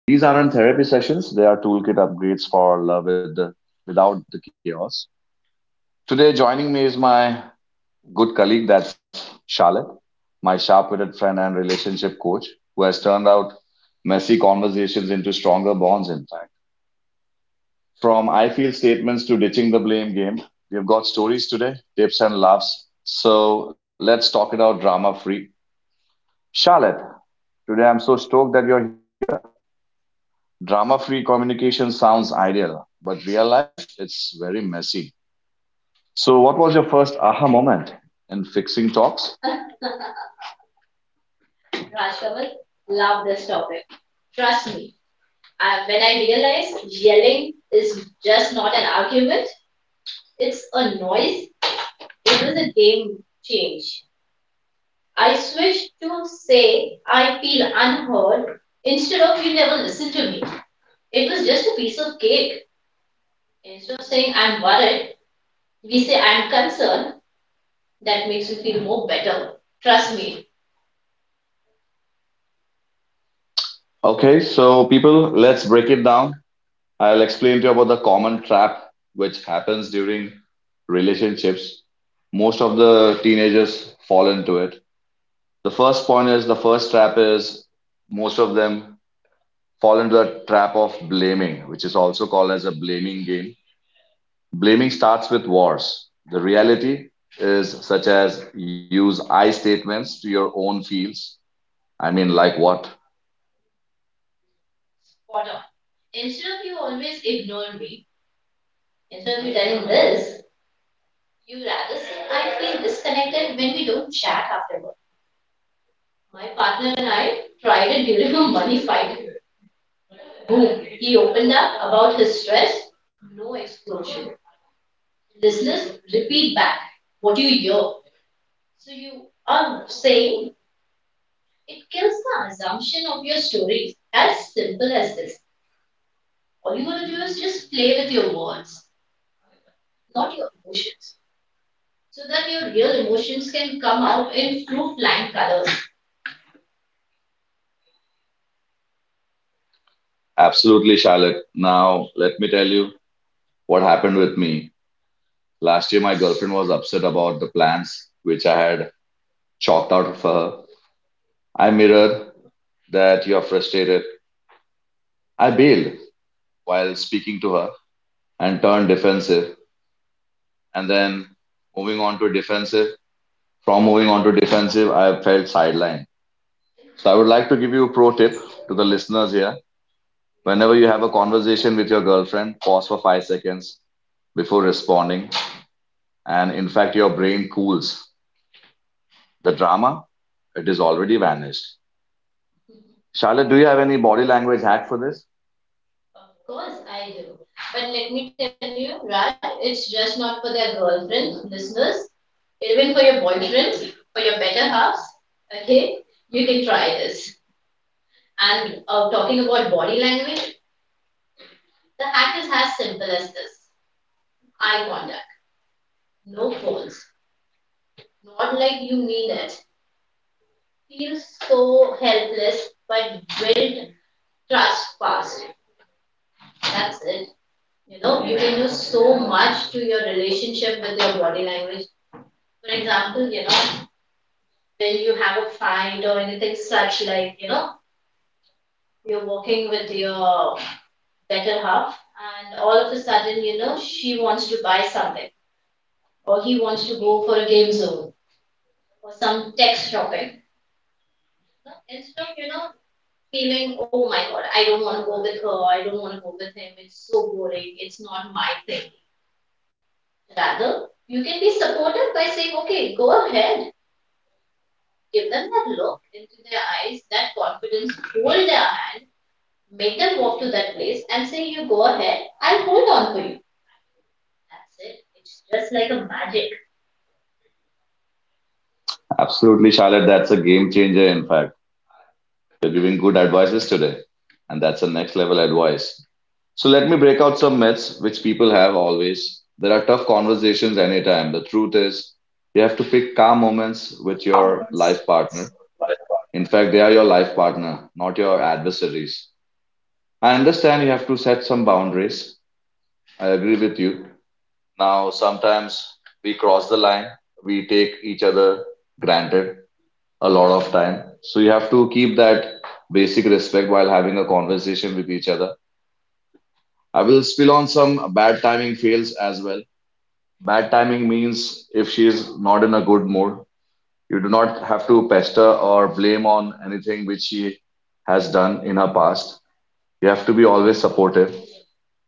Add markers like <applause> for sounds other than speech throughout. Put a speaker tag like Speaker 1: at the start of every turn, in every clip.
Speaker 1: These aren't therapy sessions, they are toolkit upgrades for love without the chaos. Today, joining me is my good colleague, that's Charlotte, my sharp witted friend and relationship coach, who has turned out messy conversations into stronger bonds, in fact. From I feel statements to ditching the blame game, we've got stories today, tips and laughs. So let's talk it out drama free. Charlotte, today I'm so stoked that you're here. Drama free communication sounds ideal, but real life, it's very messy. So, what was your first aha moment in fixing talks? Okay, so people, let's break it down. I'll explain to you about the common trap which happens during relationships. Most of the teenagers fall into it. The first trap is most of them fall into the trap of blaming, which is also called as a blaming game. Blaming starts with wars. The reality is such as use I statements to your own fields. I mean, like what? Absolutely, Charlotte. Now, let me tell you what happened with me. Last year, my girlfriend was upset about the plans which I had chalked out for her. I mirrored that you are frustrated. I bailed while speaking to her and turned defensive. And then moving on to defensive, moving on to defensive, I felt sidelined. So I would like to give you a pro tip to the listeners here. Whenever you have a conversation with your girlfriend, pause for 5 seconds before responding. And in fact, your brain cools. The drama, it is already vanished. Charlotte, do you have any body language hack for this? Absolutely, Charlotte. That's a game changer. In fact, you're giving good advices today, and that's a next level advice. So let me break out some myths which people have always. There are tough conversations anytime. The truth is, you have to pick calm moments with your life partner. In fact, they are your life partner, not your adversaries. I understand you have to set some boundaries. I agree with you. Now, sometimes we cross the line, we take each other granted a lot of time. So you have to keep that basic respect while having a conversation with each other. I will spill on some bad timing fails as well. Bad timing means if she is not in a good mood, you do not have to pester or blame on anything which she has done in her past. You have to be always supportive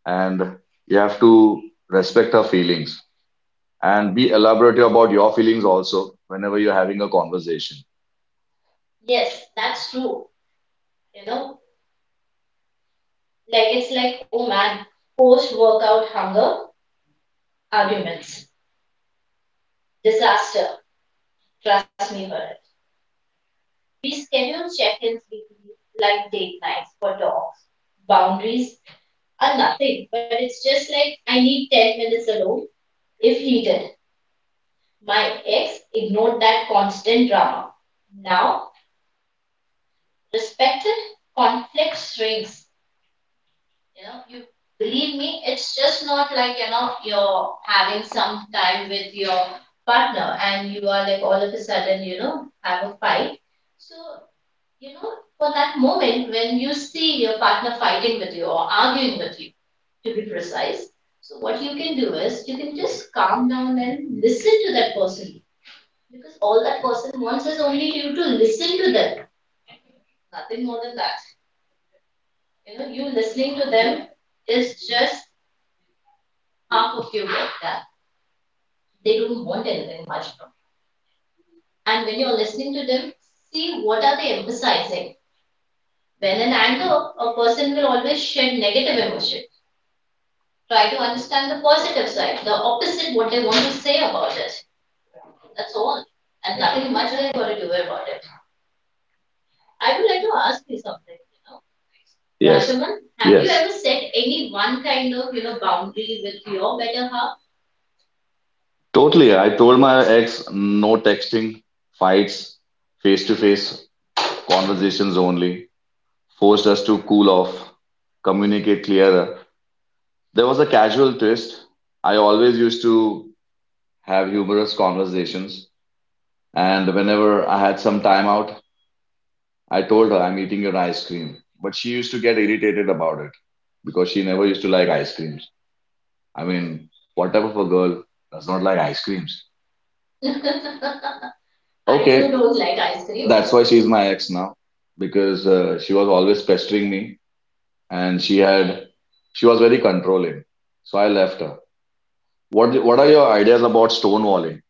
Speaker 1: and you have to respect her feelings and be elaborative about your feelings also whenever you're having a conversation. Yes. Yes. Totally. I told my ex no texting, fights, face to face conversations only, forced us to cool off, communicate clearer. There was a casual twist. I always used to have humorous conversations, and whenever I had some time out, I told her I'm eating your ice cream, but she used to get irritated about it because she never used to like ice creams. I mean, what type of a girl does not like ice creams? I Okay, too don't like ice cream. That's why she's my ex now because she was always pestering me and she was very controlling. So I left her. What are your ideas about stonewalling?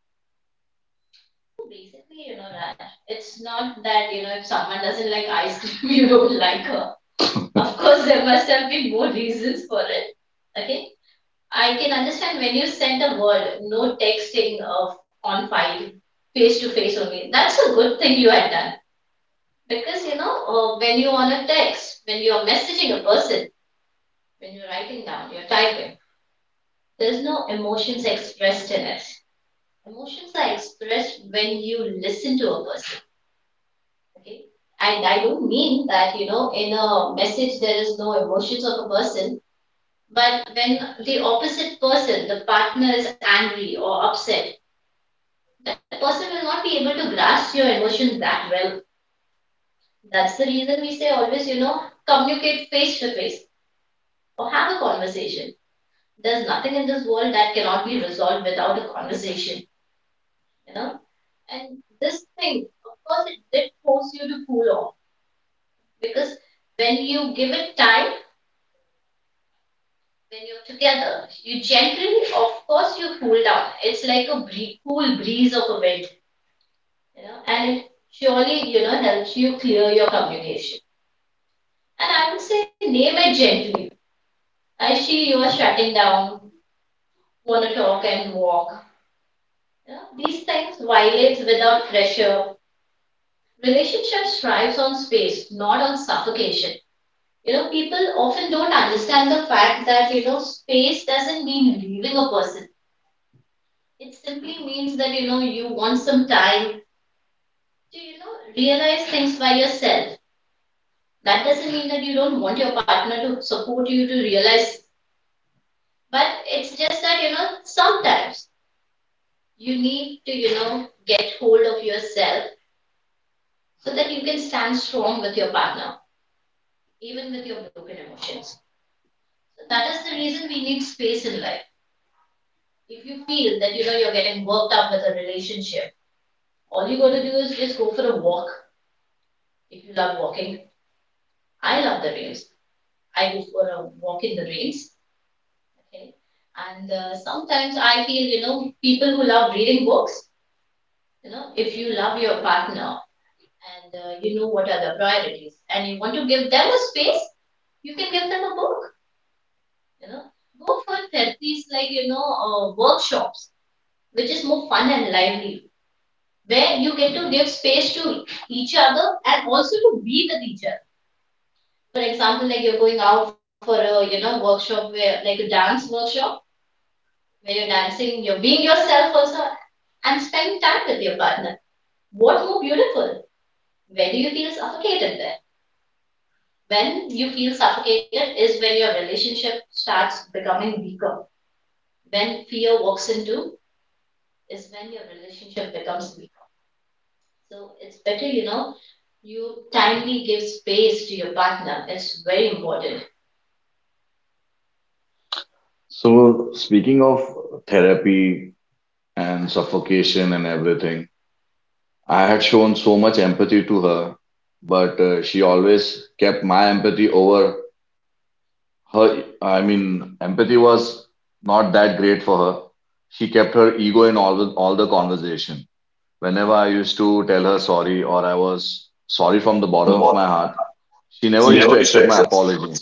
Speaker 1: So speaking of therapy and suffocation and everything I had shown so much empathy to her, but she always kept my empathy over her. I mean, empathy was not that great for her. She kept her ego in all the conversation. Whenever I used to tell her sorry or I was sorry from the bottom of my heart, she never used to accept my apology.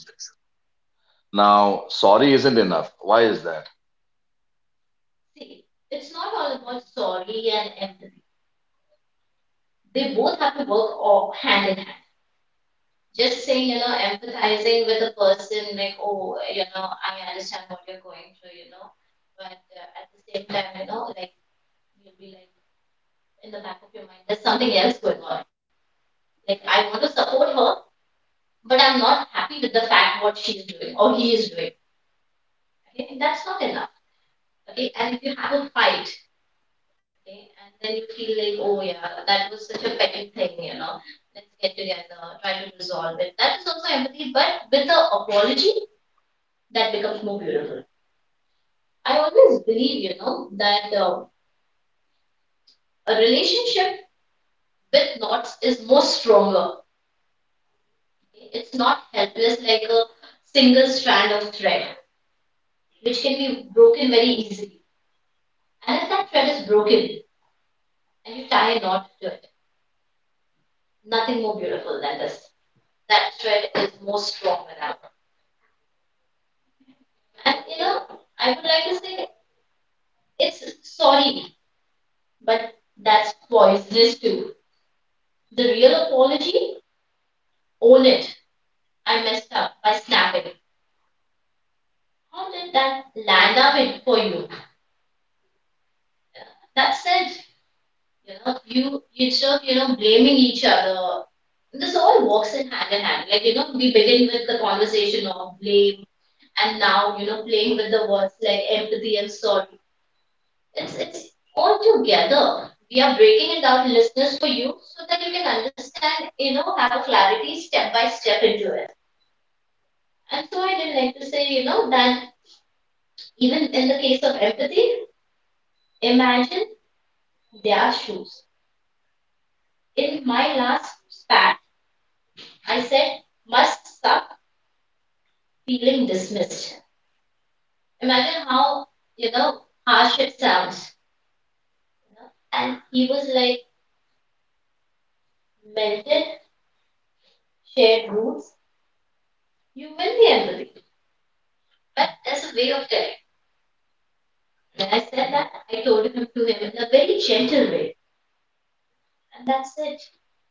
Speaker 1: Now, sorry isn't enough. Why is that?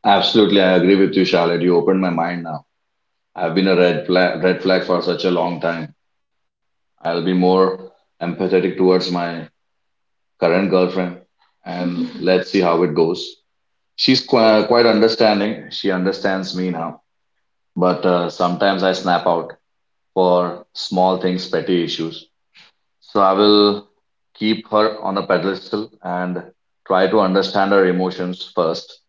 Speaker 1: Absolutely, I agree with you, Charlotte. You opened my mind now. I've been a red flag for such a long time. I'll be more empathetic towards my current girlfriend and <laughs> let's see how it goes. She's quite, quite understanding. She understands me now, but sometimes I snap out for small things, petty issues. So I will keep her on a pedestal and try to understand her emotions first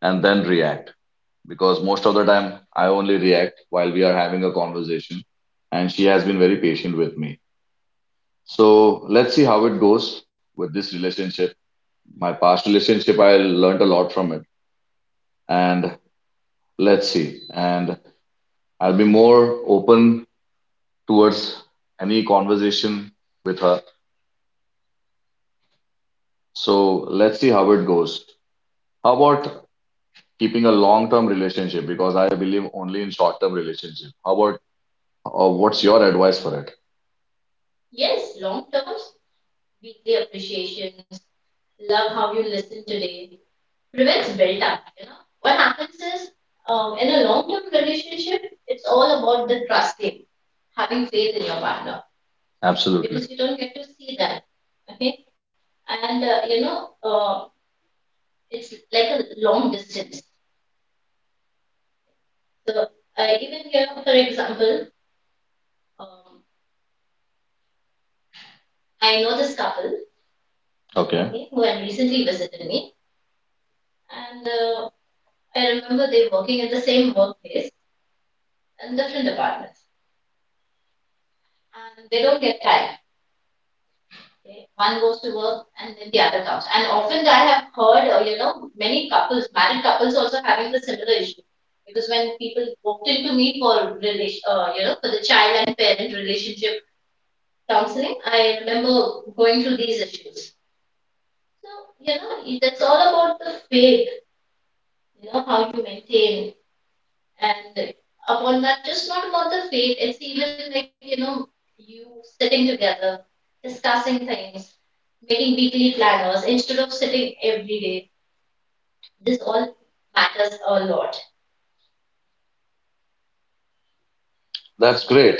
Speaker 1: and then react. Because most of the time, I only react while we are having a conversation, and she has been very patient with me. So let's see how it goes with this relationship. My past relationship, I learned a lot from it. And let's see. And I'll be more open towards any conversation with her. So let's see how it goes. How about keeping a long-term relationship? Because I believe only in short-term relationship. How about, or what's your advice for it? Absolutely. Because you don't get to see that. Okay. Who had recently visited me. That's great.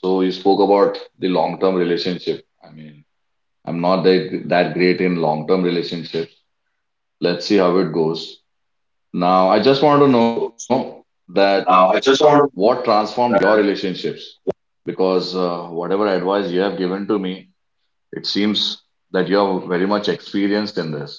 Speaker 1: So you spoke about the long-term relationship. I mean, I'm not that great in long-term relationships. Let's see how it goes. Now, I just want to know that what transformed your relationships? Because whatever advice you have given to me, it seems that you are very much experienced in this.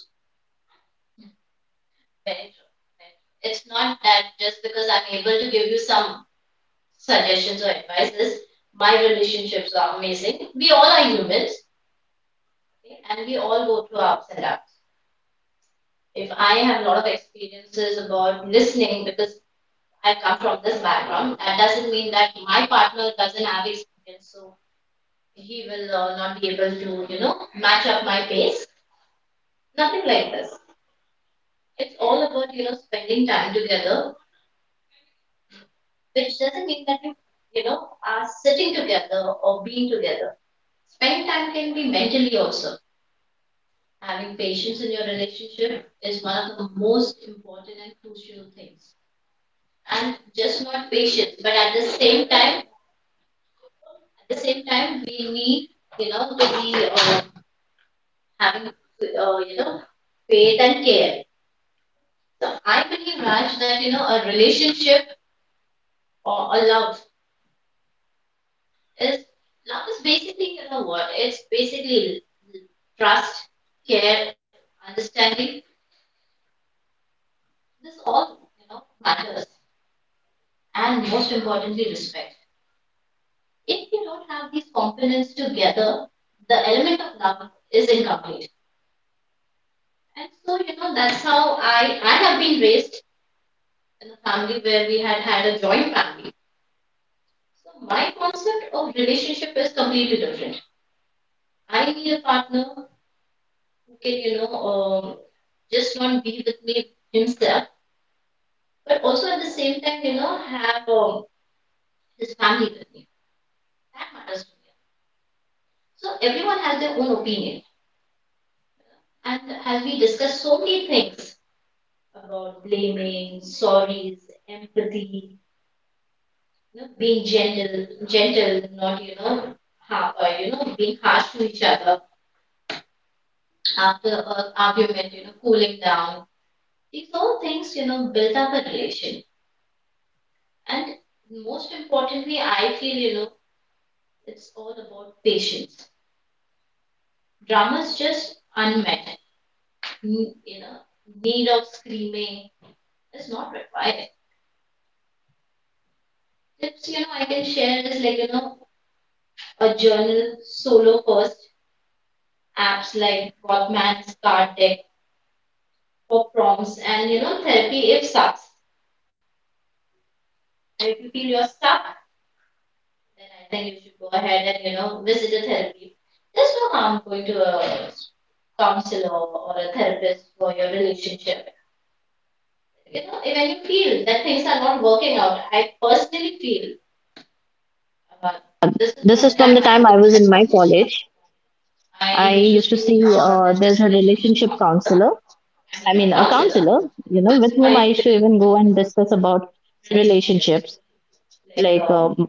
Speaker 2: This is from the time I was in my college. I used to see there's a relationship counselor. I mean, a counselor, you know, with whom I used to even go and discuss about relationships. Like,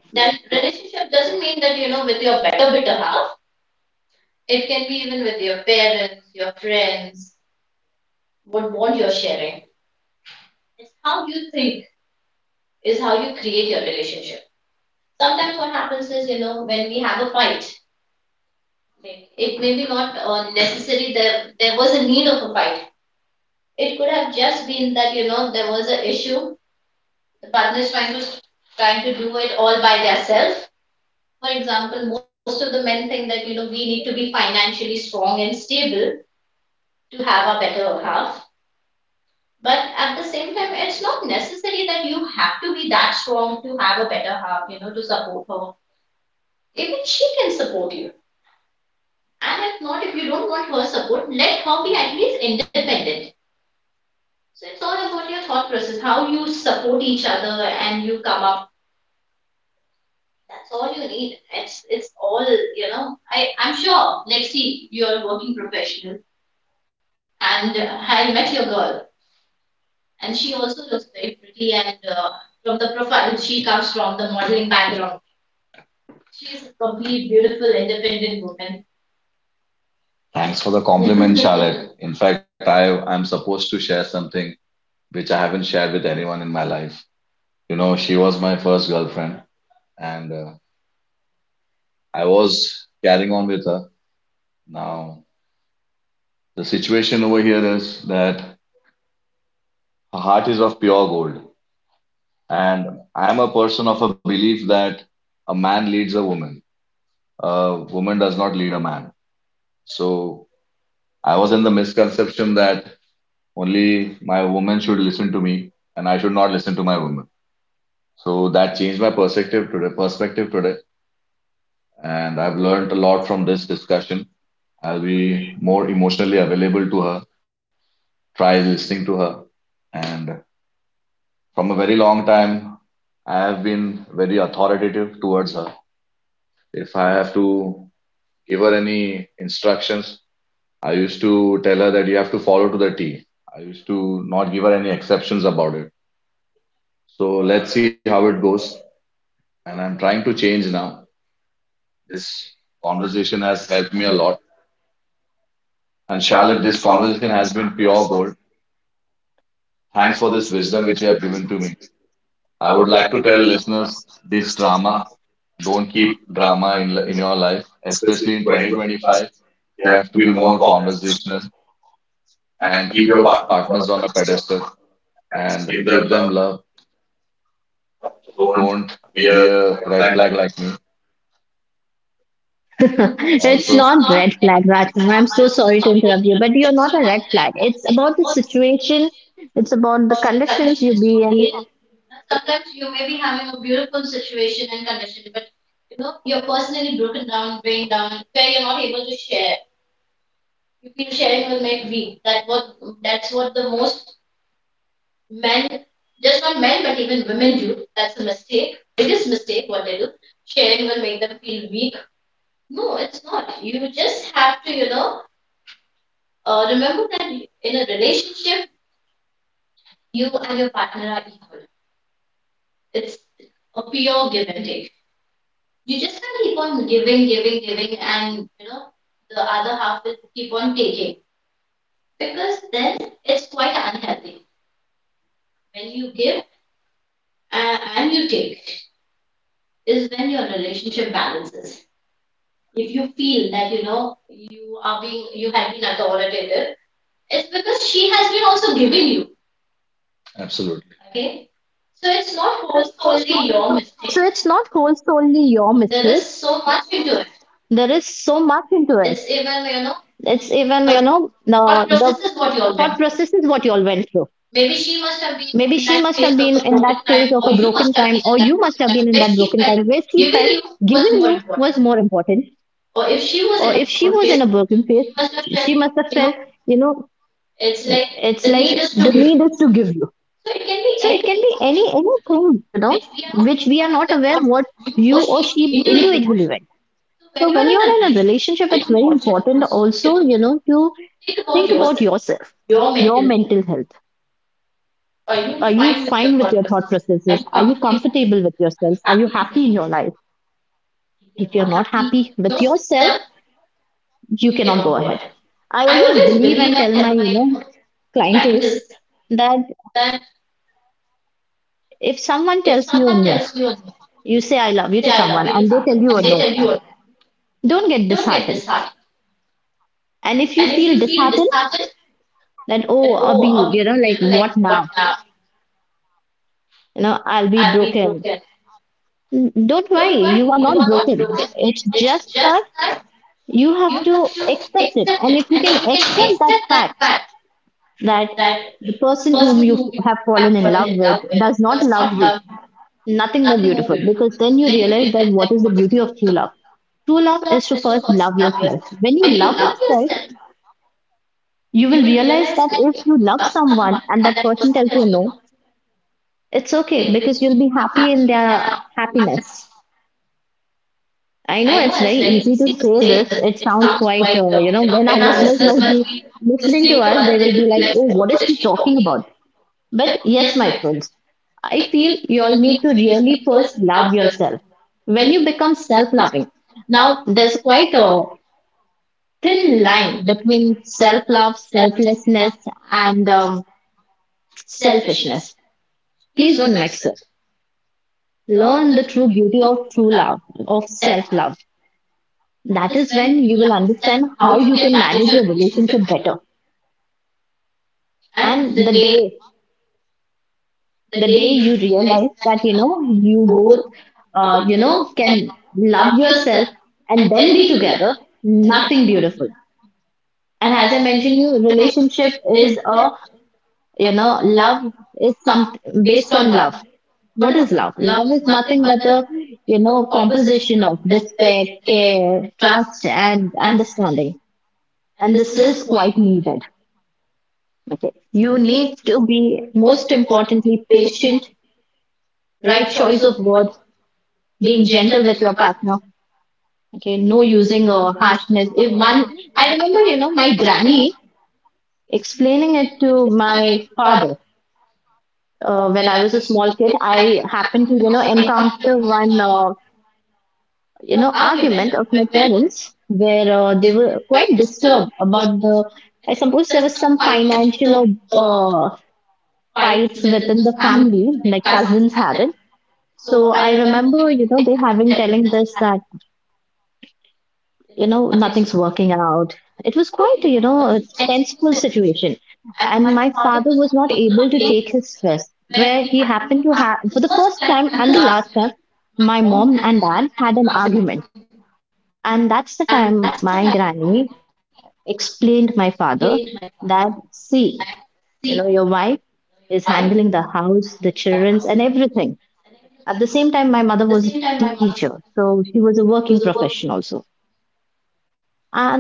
Speaker 1: Thanks for the compliment, <laughs> Charlotte. In fact, I'm supposed to share something which I haven't shared with anyone in my life. You know, she was my first girlfriend and I was carrying on with her. Now, the situation over here is that her heart is of pure gold. And I'm a person of a belief that a man leads a woman does not lead a man. So, I was in the misconception that only my woman should listen to me and I should not listen to my woman. So, that changed my perspective today. And I've learned a lot from this discussion. I'll be more emotionally available to her try listening to her. And from a very long time, I have been very authoritative towards her. If I have to give her any instructions, I used to tell her that you have to follow to the T. I used to not give her any exceptions about it. So let's see how it goes. And I'm trying to change now. This conversation has helped me a lot. And Charlotte, this conversation has been pure gold. Thanks for this wisdom which you have given to me. I would like to tell listeners this drama. Don't keep drama in your life, especially in 2025. You have to be more conversational and keep your partners on a pedestal and give them love. Don't be a red flag like me.
Speaker 2: <laughs> it's
Speaker 1: Also,
Speaker 2: not red flag, Rajkumar. I'm so sorry to interrupt you, but you're not a red flag. It's about the situation. It's about the conditions you be in.
Speaker 1: absolutely.
Speaker 2: So it's not whole solely your mistake. There is so much into it. It's even, you know, the thought process is what you all went through. Maybe she must have been in that phase of a broken time, or you must have been in that broken time where she felt giving you was more important. Or if she was in a broken phase, she must have felt, you know, it's like the need is to give you. So it can be anything, you know, which we are not aware what you or she individually went. So when you are in a relationship, it's very important also, you know, to think about yourself, your mental health. Are you fine with your thought processes? Are you comfortable with yourself? Are you happy in your life? If you're not happy with yourself, you cannot go ahead. I always believe and tell my, you know, clientels that if someone tells you a no, you say I love you to someone and they tell you a no, don't get disheartened. And if you feel disheartened that, oh, I'll be, you know, like what now? You know, I'll be broken. Don't worry, you are not broken. It's just that you have to accept it. And if you can accept that fact that the person whom have fallen in love with does not love you, nothing more beautiful, because then you realize that what is the beauty of true love. True love is to first love yourself. When you love yourself, you will realize that if you love someone and that person tells you no, it's okay because you'll be happy in their happiness. I know it's very easy to say this. It sounds quite, you know, when our <laughs> listeners must be listening to us, they will be like, oh, what is she talking about? But yes, my friends, I feel you all need to really first love yourself. When you become self loving, now there's quite a thin line between self love, selflessness, and selfishness. Please don't mix it. Learn the true beauty of true love, of self love. That is when you will understand how you can manage your relationship better, and the day you realize that, you know, you both you know can love yourself and then be together, nothing beautiful. And as I mentioned, you relationship is a, you know, love is some, based on love. What is love? Love is nothing but a, you know, composition of respect, care, trust, and understanding, and this is quite needed. Okay. You need to be, most importantly, patient, right choice of word, being gentle with your partner. Okay. No using or harshness. If one, I remember, you know, my granny explaining it to my father. When I was a small kid, I happened to, you know, encounter one, you know, argument of my parents where they were quite disturbed about the, I suppose there was some financial or fights within the family, like cousins had it. So I remember, you know, they having telling this that, you know, nothing's working out. It was quite, you know, a sensible situation. And my father was not able to take his stress, where he happened to have, for the first time and the last time, my mom and dad had an argument. And that's the time my granny explained my father that, see, you know, your wife is handling the house, the children's, and everything. At the same time, my mother was a teacher, so she was a working professional. And,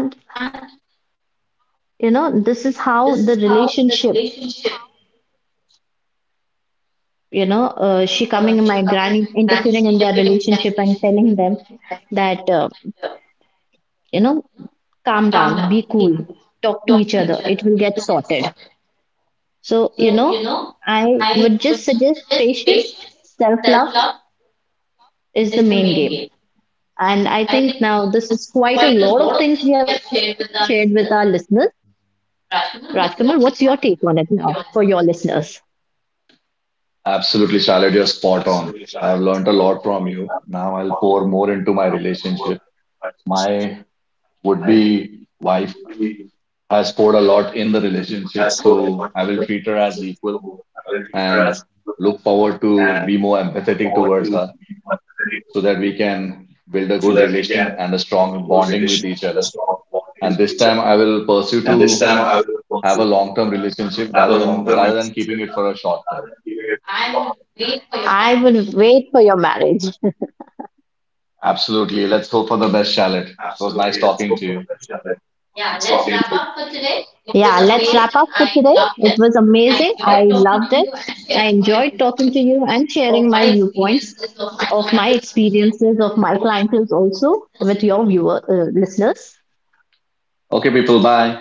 Speaker 2: you know, this is how the relationship, you know, she coming in, my granny interfering in their relationship and telling them that, you know, calm down, be cool, talk to each other, it will get sorted. So, you know, I would just suggest patience. Self love is the main game. And I think now this is quite a lot of things we have shared with our listeners. Rajkumar, what's your take on it now for your listeners?
Speaker 1: Absolutely, Charlotte, you're spot on. I've learned a lot from you. Now I'll pour more into my relationship. My would-be wife has poured a lot in the relationship, so I will treat her as equal. And look forward to be more empathetic towards her so that we can build a good relation and a strong bonding with each other. And this time I will pursue to have a long-term relationship rather than keeping it for a short term.
Speaker 2: I will wait for your marriage.
Speaker 1: Absolutely. Let's hope for the best, Charlotte. It was nice talking to you.
Speaker 2: Yeah, let's wrap up for today. It was amazing. I loved it. I enjoyed talking to you and sharing my viewpoints of my experiences of my clientele also with your viewer listeners.
Speaker 1: Okay, people, bye.